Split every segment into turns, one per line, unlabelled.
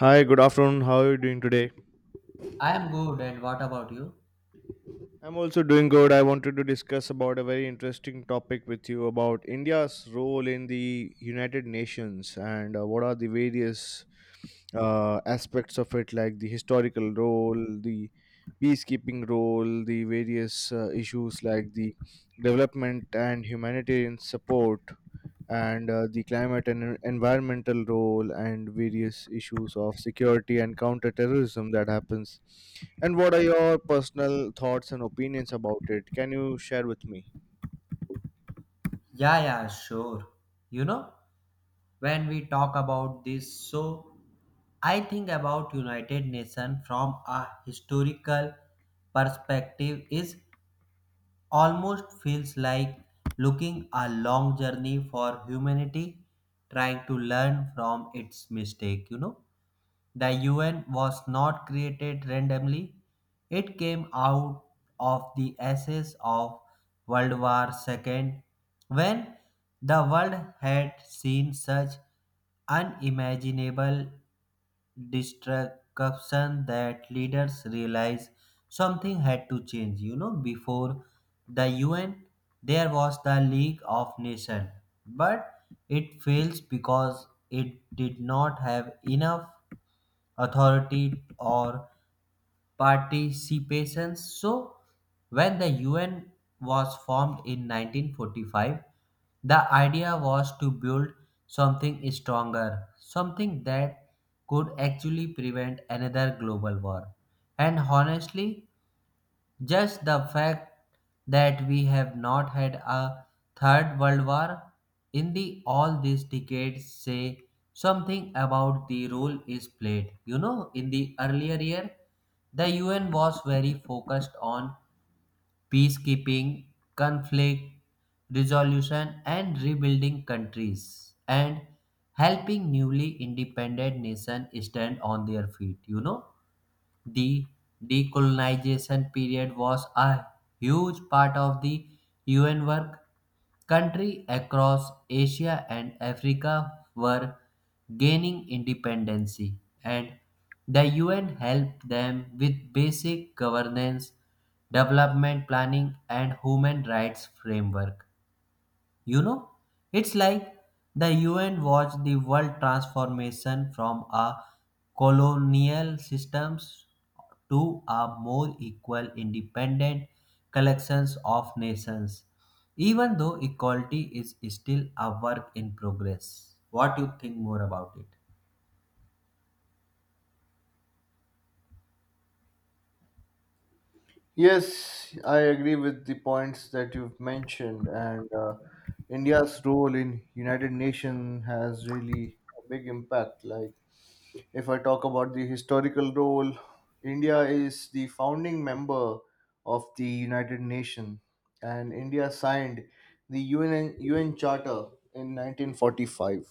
Hi, good afternoon. How are you doing today?
I am good, and what about you?
I'm also doing good. I wanted to discuss about a very interesting topic with you about India's role in the United Nations and what are the various aspects of it, like the historical role, the peacekeeping role, the various issues like the development and humanitarian support, and the climate and environmental role and various issues of security and counterterrorism that happens. And what are your personal thoughts and opinions about it? Can you share with me?
Yeah, yeah, sure. You know, when we talk about this, so I think about United Nations from a historical perspective is almost feels like looking a long journey for humanity trying to learn from its mistake. The UN was not created randomly. It came out of the ashes of World War II when the world had seen such unimaginable destruction that leaders realized something had to change. Before the UN, there was the League of Nations, but it fails because it did not have enough authority or participation. So, when the UN was formed in 1945, the idea was to build something stronger, something that could actually prevent another global war. And honestly, just the fact that we have not had a third world war in the all these decades say something about the role is played. In the earlier year, the UN was very focused on peacekeeping, conflict resolution, and rebuilding countries and helping newly independent nations stand on their feet. The decolonization period was a huge part of the UN work. Countries across Asia and Africa were gaining independence, and the UN helped them with basic governance, development planning, and human rights framework. You know, it's like the UN watched the world transformation from a colonial systems to a more equal independent collections of nations, even though equality is still a work in progress. What do you think more about it?
Yes, I agree with the points that you've mentioned, and India's role in United Nations has really a big impact. Like, if I talk about the historical role, India is the founding member of the United Nations, and India signed the U N Charter in 1945.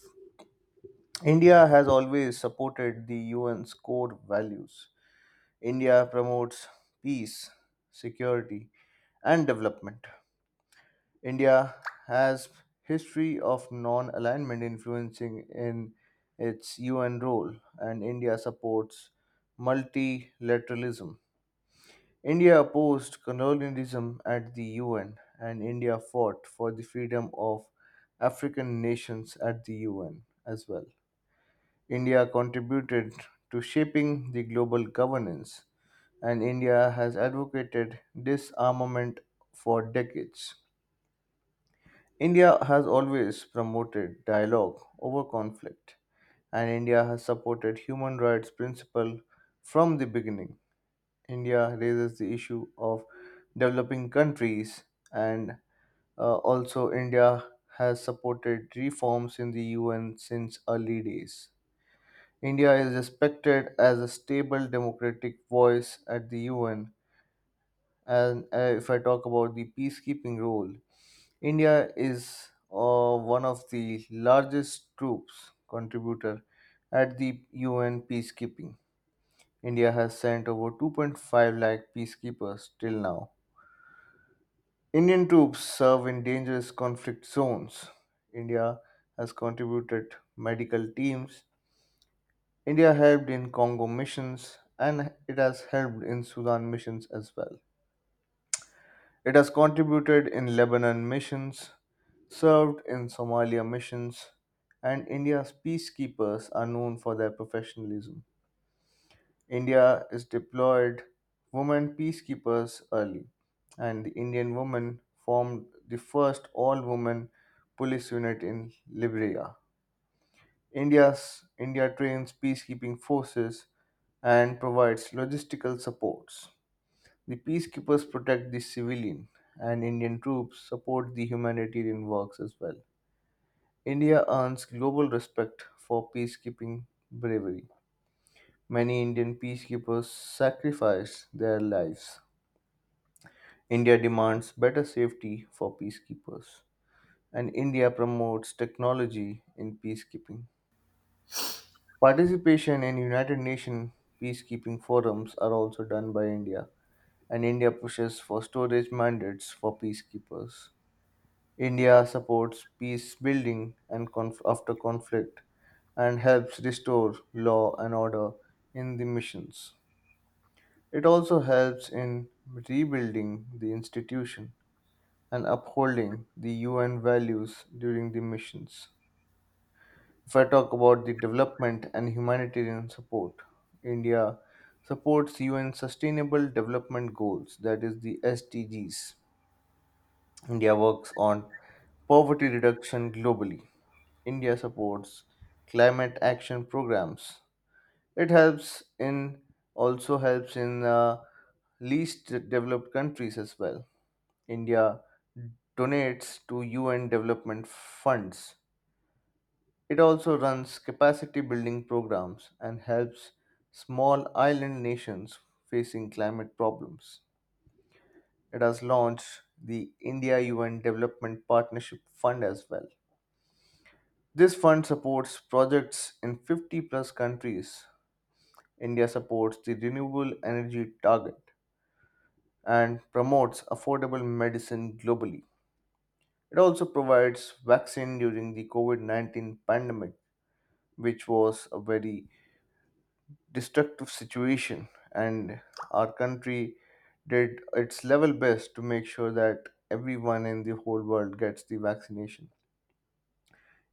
India has always supported the U N's core values. India promotes peace, security, and development. India has history of non-alignment influencing in its UN role, and India supports multilateralism. India opposed colonialism at the UN, and India fought for the freedom of African nations at the UN as well. India contributed to shaping the global governance, and India has advocated disarmament for decades. India has always promoted dialogue over conflict, and India has supported human rights principle from the beginning. India raises the issue of developing countries, and also India has supported reforms in the UN since early days. India is respected as a stable democratic voice at the UN, and if I talk about the peacekeeping role, India is one of the largest troops contributor at the UN peacekeeping. India has sent over 2.5 lakh peacekeepers till now. Indian troops serve in dangerous conflict zones. India has contributed medical teams. India helped in Congo missions and it has helped in Sudan missions as well. It has contributed in Lebanon missions, served in Somalia missions, and India's peacekeepers are known for their professionalism. India is deployed women peacekeepers early, and the Indian women formed the first all women police unit in Liberia. India trains peacekeeping forces and provides logistical supports. The peacekeepers protect the civilian, and Indian troops support the humanitarian works as well. India earns global respect for peacekeeping bravery. Many Indian peacekeepers sacrifice their lives. India demands better safety for peacekeepers, and India promotes technology in peacekeeping. Participation in United Nations peacekeeping forums are also done by India, and India pushes for storage mandates for peacekeepers. India supports peace building and after conflict and helps restore law and order in the missions. It also helps in rebuilding the institution and upholding the UN values during the missions. If I talk about the development and humanitarian support, India supports UN Sustainable Development Goals, that is the SDGs. India works on poverty reduction globally. India supports climate action programs. It helps in also helps in least developed countries as well. India donates to UN development funds. It also runs capacity building programs and helps small island nations facing climate problems. It has launched the India UN Development Partnership Fund as well. This fund supports projects in 50 plus countries. India supports the renewable energy target and promotes affordable medicine globally. It also provides vaccine during the COVID-19 pandemic, which was a very destructive situation, and our country did its level best to make sure that everyone in the whole world gets the vaccination.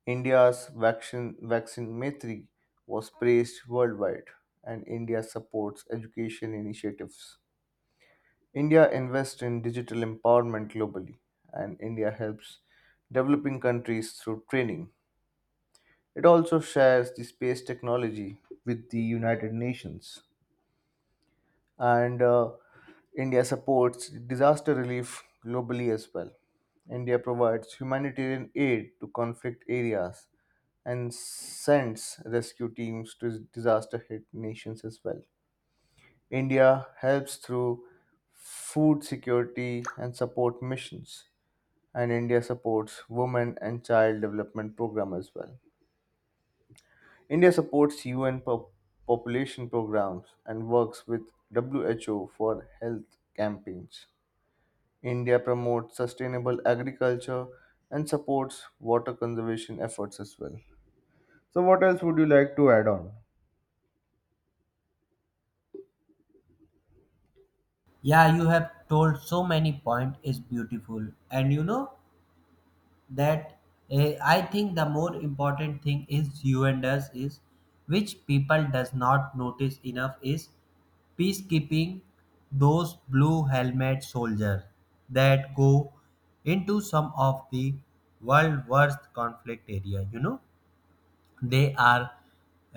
India's vaccine Maitri was praised worldwide, and India supports education initiatives. India invests in digital empowerment globally, and India helps developing countries through training. It also shares the space technology with the United Nations, and India supports disaster relief globally as well. India provides humanitarian aid to conflict areas and sends rescue teams to disaster hit nations as well. India helps through food security and support missions, and India supports women and child development program as well. India supports UN population programs and works with WHO for health campaigns. India promotes sustainable agriculture and supports water conservation efforts as well. So, what else would you like to add on?
Yeah, you have told so many point is beautiful. And that I think the more important thing is you and us is, which people does not notice enough is peacekeeping, those blue helmet soldiers that go into some of the world worst conflict area. They are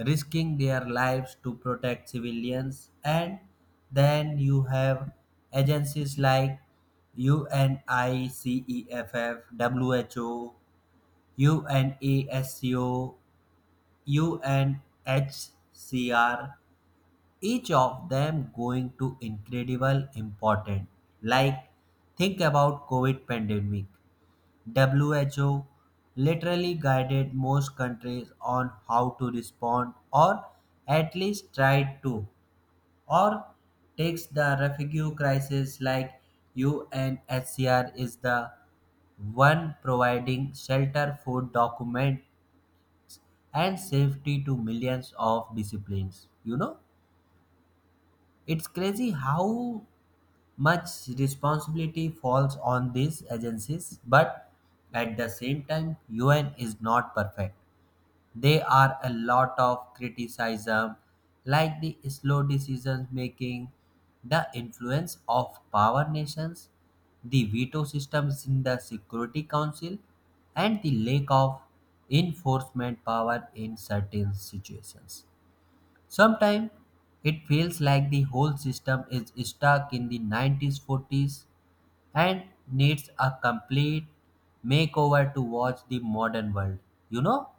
risking their lives to protect civilians, and then you have agencies like UNICEF, WHO, UNASCO, UNHCR, each of them going to incredible important. Like think about COVID pandemic. WHO literally guided most countries on how to respond, or at least tried to, or takes the refugee crisis. Like UNHCR is the one providing shelter food document and safety to millions of disciplines. It's crazy how much responsibility falls on these agencies, but at the same time, UN is not perfect. They are a lot of criticism, like the slow decision making, the influence of power nations, the veto systems in the Security Council, and the lack of enforcement power in certain situations. Sometimes it feels like the whole system is stuck in 1940s and needs a complete makeover to watch the modern world. You know,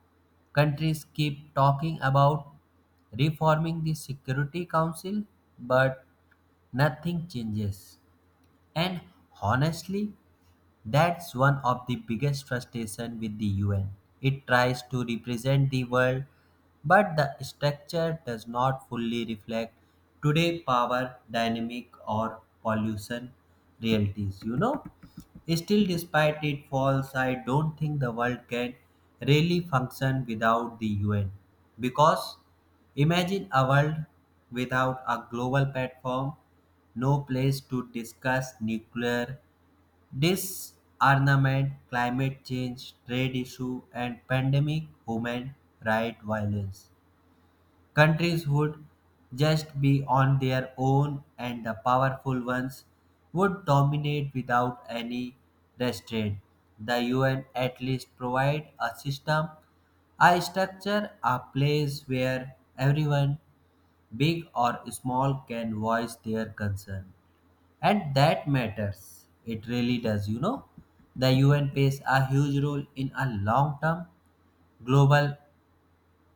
countries keep talking about reforming the Security Council, but nothing changes. And honestly, that's one of the biggest frustrations with the UN. It tries to represent the world, but the structure does not fully reflect today power dynamic or pollution realities. Still, despite its faults, I don't think the world can really function without the UN, because imagine a world without a global platform, no place to discuss nuclear disarmament, climate change, trade issue, and pandemic human rights violence. Countries would just be on their own, and the powerful ones would dominate without any restraint. The UN at least provide a system, a structure, a place where everyone, big or small, can voice their concern, and that matters. It really does. The UN plays a huge role in a long term global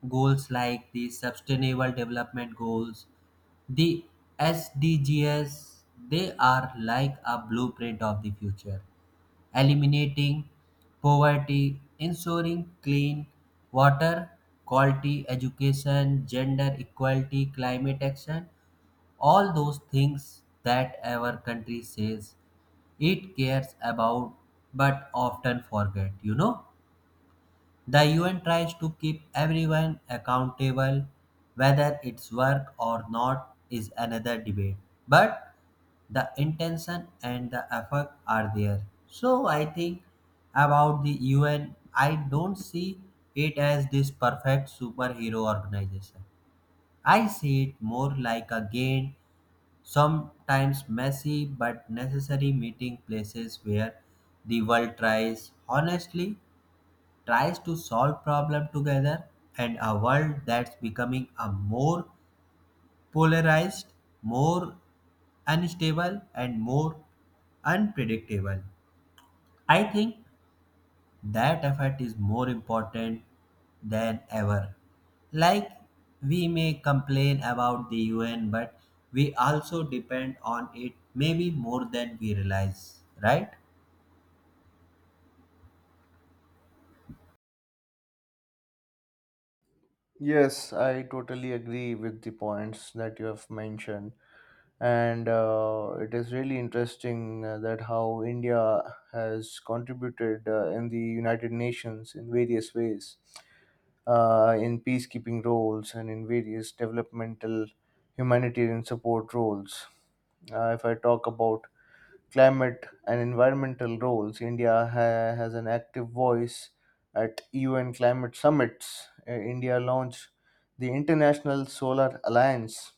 goals like the sustainable development goals, the SDGs. They are like a blueprint of the future, eliminating poverty, ensuring clean water, quality education, gender equality, climate action, all those things that our country says it cares about but often forget. The UN tries to keep everyone accountable, whether it's work or not is another debate, but the intention and the effort are there. So I think about the UN, I don't see it as this perfect superhero organization. I see it more like a game, sometimes messy but necessary meeting places where the world tries, honestly tries, to solve problem together. And a world that's becoming a more polarized, more unstable, and more unpredictable, I think that effort is more important than ever. Like, we may complain about the UN, but we also depend on it maybe more than we realize, right?
Yes, I totally agree with the points that you have mentioned. And it is really interesting that how India has contributed in the United Nations in various ways, in peacekeeping roles and in various developmental humanitarian support roles. If I talk about climate and environmental roles, India has an active voice at UN climate summits. India launched the International Solar Alliance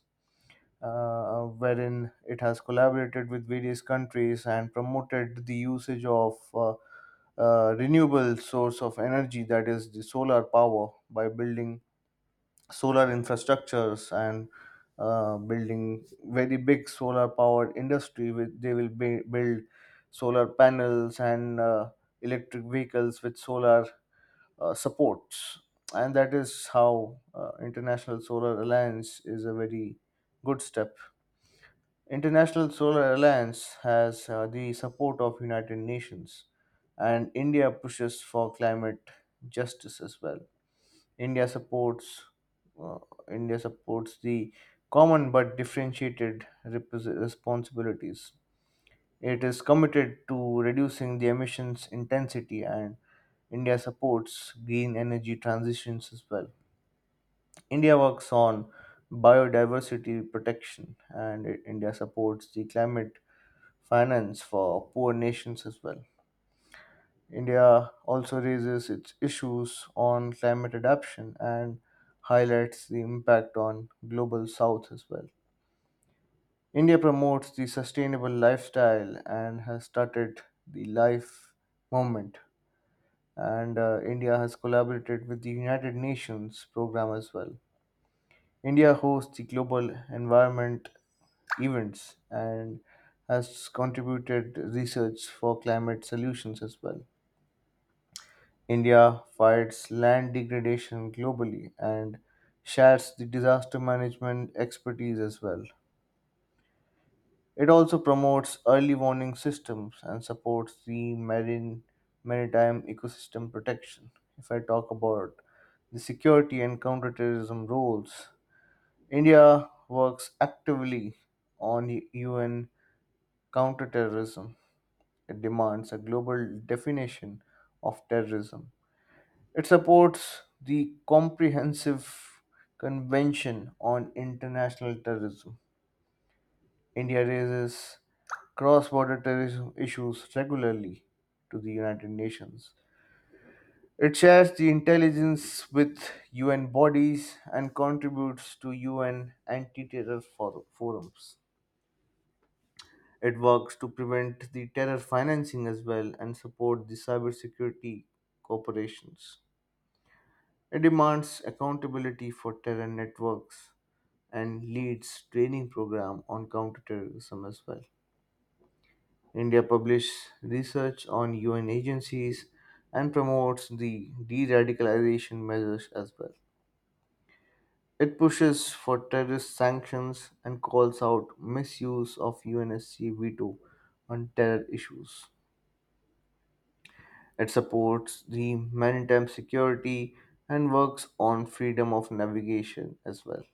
wherein it has collaborated with various countries and promoted the usage of renewable source of energy, that is the solar power, by building solar infrastructures and building very big solar powered industry. With they will be, build solar panels and electric vehicles with solar supports. And that is how International Solar Alliance is a very good step. International Solar Alliance has the support of United Nations and India pushes for climate justice as well. India supports uh, India supports the common but differentiated responsibilities. It is committed to reducing the emissions intensity and India supports green energy transitions as well. India works on biodiversity protection and India supports the climate finance for poor nations as well. India also raises its issues on climate adaptation and highlights the impact on global south as well. India promotes the sustainable lifestyle and has started the life movement, and India has collaborated with the United Nations program as well. India hosts the global environment events and has contributed research for climate solutions as well. India fights land degradation globally and shares the disaster management expertise as well. It also promotes early warning systems and supports the marine maritime ecosystem protection. If I talk about the security and counterterrorism roles, India works actively on the UN counterterrorism. It demands a global definition of terrorism. It supports the Comprehensive Convention on International Terrorism. India raises cross border terrorism issues regularly to the United Nations. It shares the intelligence with UN bodies and contributes to UN anti terror forums. It works to prevent the terror financing as well and support the cybersecurity corporations. It demands accountability for terror networks and leads training program on counterterrorism as well. India publishes research on UN agencies and promotes the de-radicalization measures as well. It pushes for terrorist sanctions and calls out misuse of UNSC veto on terror issues. It supports the maritime security and works on freedom of navigation as well.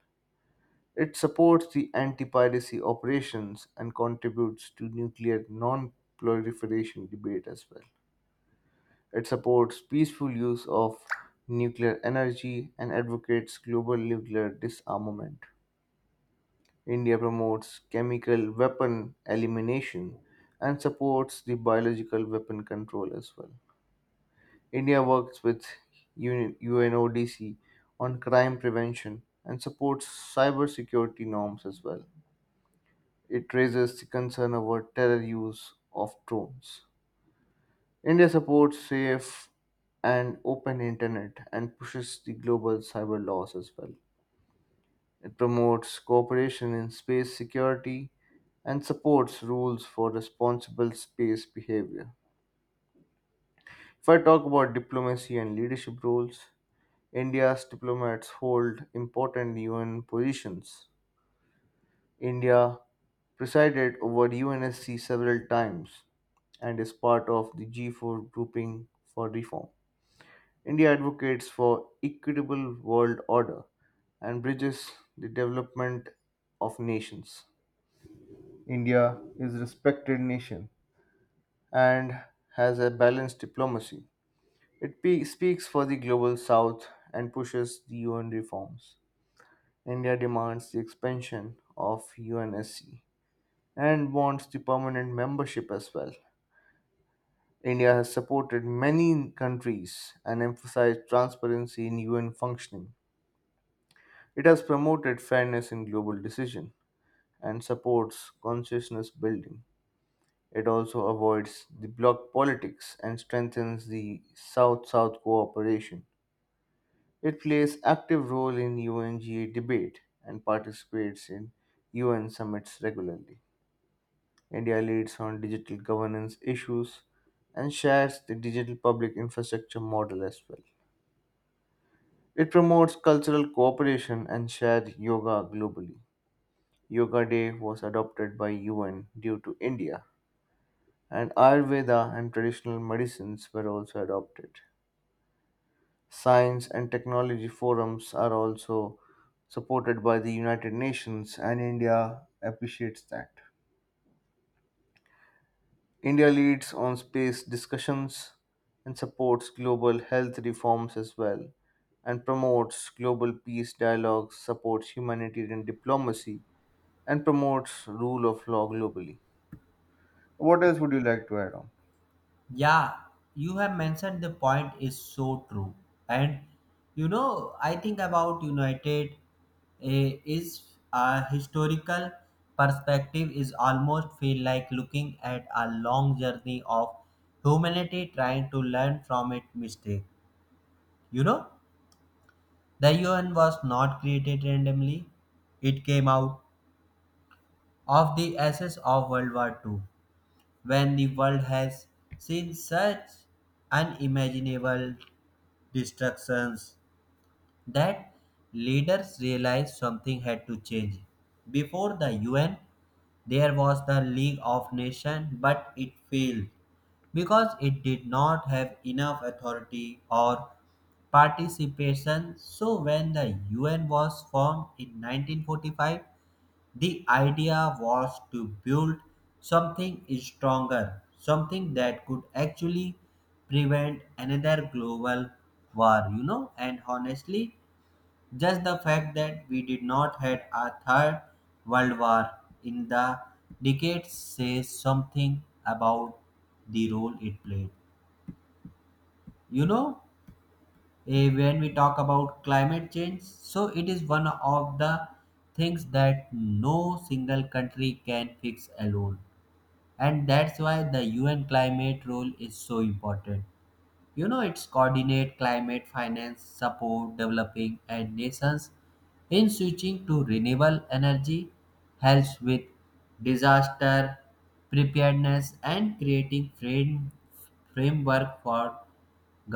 It supports the anti piracy operations and contributes to nuclear non proliferation debate as well. It supports peaceful use of nuclear energy and advocates global nuclear disarmament. India promotes chemical weapon elimination and supports the biological weapon control as well. India works with UNODC on crime prevention and supports cybersecurity norms as well. It raises the concern over terror use of drones. India supports safe and open internet and pushes the global cyber laws as well. It promotes cooperation in space security and supports rules for responsible space behavior. If I talk about diplomacy and leadership roles, India's diplomats hold important UN positions. India presided over UNSC several times and is part of the G4 grouping for reform. India advocates for equitable world order and bridges the development of nations. India is a respected nation and has a balanced diplomacy. It speaks for the global south and pushes the UN reforms. India demands the expansion of UNSC and wants the permanent membership as well. India has supported many countries and emphasized transparency in UN functioning. It has promoted fairness in global decision and supports consciousness building. It also avoids the bloc politics and strengthens the South-South cooperation. It plays active role in UNGA debate and participates in UN summits regularly. India leads on digital governance issues and shares the digital public infrastructure model as well. It promotes cultural cooperation and shared yoga globally. Yoga Day was adopted by UN due to India, and Ayurveda and traditional medicines were also adopted. Science and technology forums are also supported by the United Nations, and India appreciates that. India leads on space discussions and supports global health reforms as well, and promotes global peace dialogues, supports humanitarian diplomacy, and promotes rule of law globally. What else would you like to add on?
Yeah, you have mentioned the point is so true. And I think about United, is a historical perspective is almost feel like looking at a long journey of humanity trying to learn from its mistake. You know, the UN was not created randomly. It came out of the ashes of World War II, when the world has seen such unimaginable distractions that leaders realized something had to change. Before the UN, there was the League of Nations, but it failed because it did not have enough authority or participation. So, when the UN was formed in 1945, the idea was to build something stronger, something that could actually prevent another global war. And honestly, just the fact that we did not had a third world war in the decades says something about the role it played. You know, when we talk about climate change, so it is one of the things that no single country can fix alone, and that's why the UN climate role is so important. It's coordinate climate finance support developing and nations in switching to renewable energy, helps with disaster preparedness and creating framework for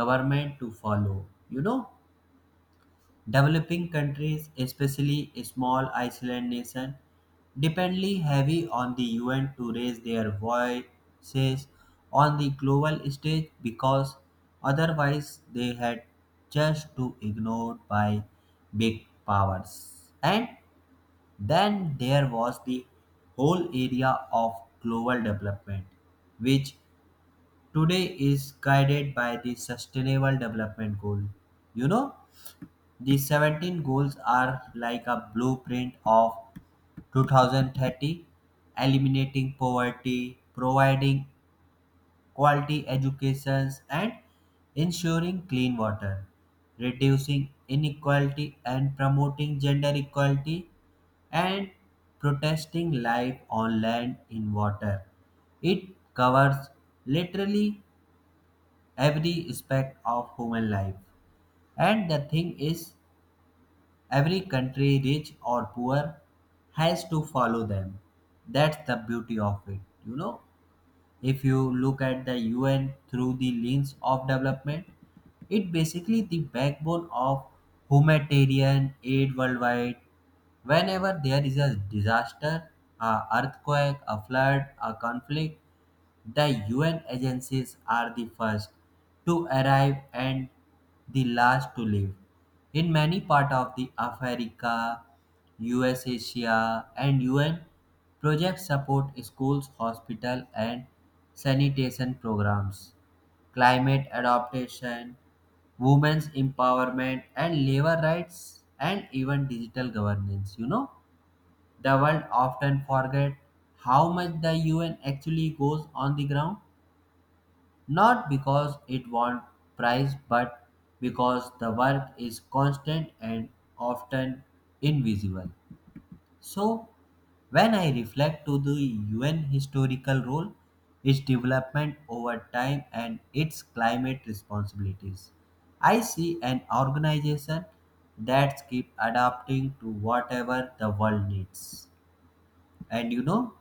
government to follow you know Developing countries, especially small island nations, dependly heavy on the UN to raise their voices on the global stage because otherwise they had just to ignored by big powers. And then there was the whole area of global development, which today is guided by the sustainable development goal. You know, the 17 goals are like a blueprint of 2030, eliminating poverty, providing quality educations and ensuring clean water, reducing inequality and promoting gender equality, and protesting life on land in water. It covers literally every aspect of human life. And the thing is, every country, rich or poor, has to follow them. That's the beauty of it. You know, if you look at the UN through the lens of development, it basically the backbone of humanitarian aid worldwide. Whenever there is a disaster, a earthquake, a flood, a conflict, the UN agencies are the first to arrive and the last to leave. In many parts of the Africa, US Asia and UN projects support schools, hospital and sanitation programs, climate adaptation, women's empowerment and labor rights and even digital governance. The world often forget how much the UN actually goes on the ground, not because it wants prize, but because the work is constant and often invisible. So, when I reflect to the UN historical role, its development over time and its climate responsibilities, I see an organization that keep adapting to whatever the world needs. And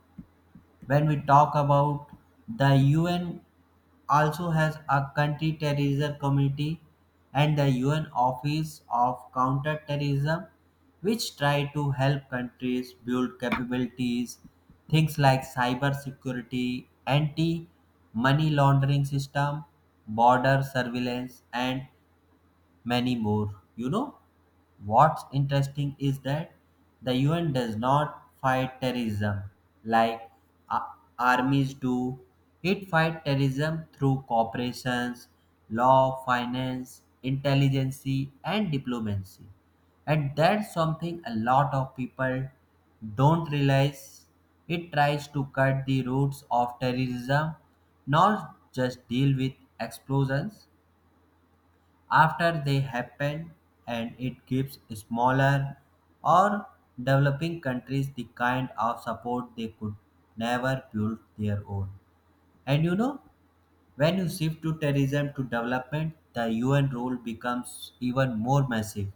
when we talk about, the UN also has a country terrorism committee and the UN Office of Counterterrorism, which try to help countries build capabilities, things like cyber security, anti money laundering system, border surveillance and many more. What's interesting is that the UN does not fight terrorism like a- armies do. It fights terrorism through corporations, law, finance, intelligence, and diplomacy. And that's something a lot of people don't realize. It tries to cut the roots of terrorism, not just deal with explosions after they happen, and it gives smaller or developing countries the kind of support they could never build their own. And when you shift to terrorism to development, the UN role becomes even more massive.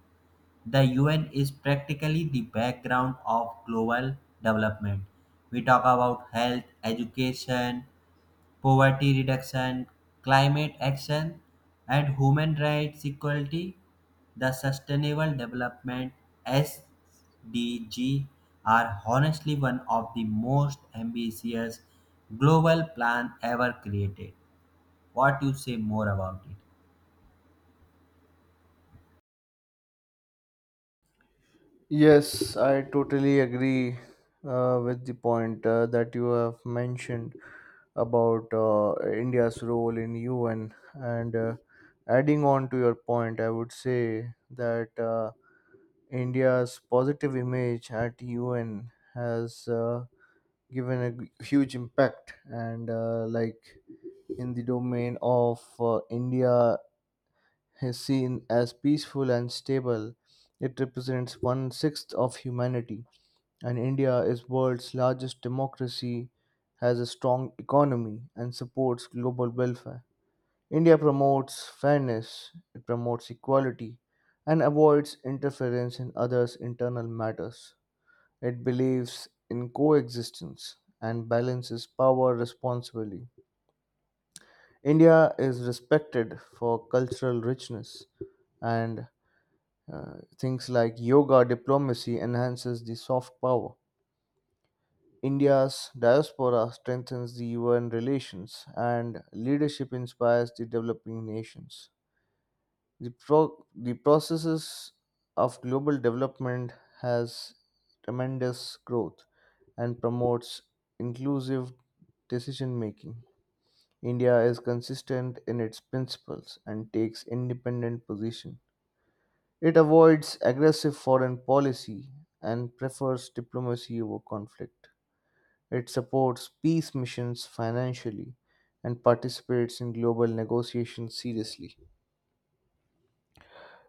The UN is practically the background of global development. We talk about health, education, poverty reduction, climate action, and human rights equality. The Sustainable Development SDG are honestly one of the most ambitious global plan ever created. What you say more about it?
Yes, I totally agree with the point that you have mentioned about India's role in UN. And adding on to your point, I would say that India's positive image at UN has given a huge impact. And like in the domain of India is seen as peaceful and stable, it represents one sixth of humanity. And India is world's largest democracy, has a strong economy, and supports global welfare. India promotes fairness, it promotes equality, and avoids interference in others' internal matters. It believes in coexistence and balances power responsibly. India is respected for cultural richness and things like yoga diplomacy enhances the soft power. India's diaspora strengthens the UN relations, and leadership inspires the developing nations. The processes of global development has tremendous growth and promotes inclusive decision making. India is consistent in its principles and takes independent position. It avoids aggressive foreign policy and prefers diplomacy over conflict. It supports peace missions financially and participates in global negotiations seriously.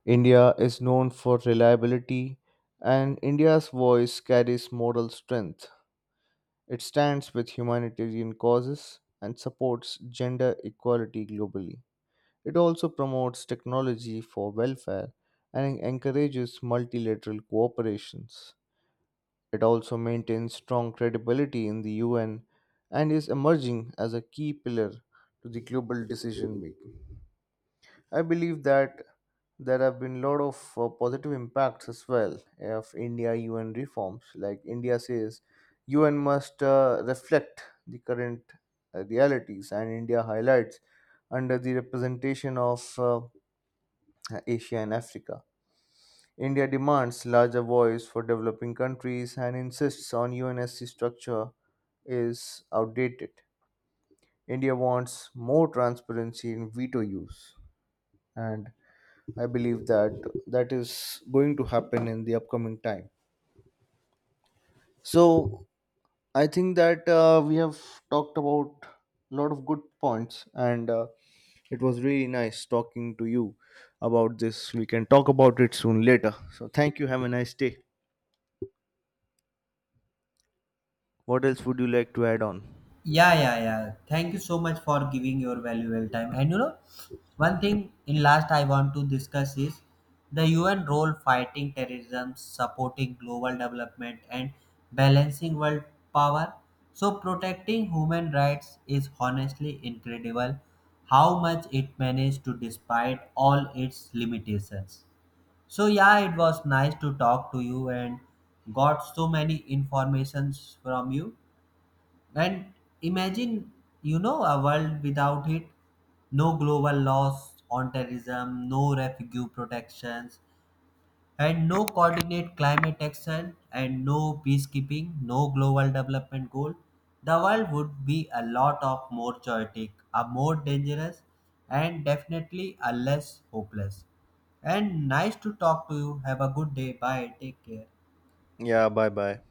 India is known for reliability, and India's voice carries moral strength. It stands with humanitarian causes and supports gender equality globally. It also promotes technology for welfare and encourages multilateral cooperations. It also maintains strong credibility in the UN and is emerging as a key pillar to the global decision making. I believe that there have been a lot of positive impacts as well of India UN reforms. Like India says, UN must reflect the current realities, and India highlights under the representation of Asia and Africa. India demands larger voice for developing countries and insists on UNSC structure is outdated. India wants more transparency in veto use, and I believe that that is going to happen in the upcoming time. So I think that we have talked about a lot of good points, and it was really nice talking to you about this. We can talk about it soon later. So thank you. Have a nice day. What else would you like to add on?
Yeah, yeah, yeah. Thank you so much for giving your valuable time. And one thing in last I want to discuss is the UN role fighting terrorism, supporting global development, and balancing world power. So, protecting human rights is honestly incredible how much it managed to despite all its limitations. So, yeah, it was nice to talk to you and got so many informations from you. And imagine, a world without it. No global laws on terrorism, no refugee protections, and no coordinate climate action, and no peacekeeping, no global development goal. The world would be a lot of more chaotic, a more dangerous, and definitely a less hopeless. And nice to talk to you. Have a good day. Bye. Take care.
Yeah, bye bye.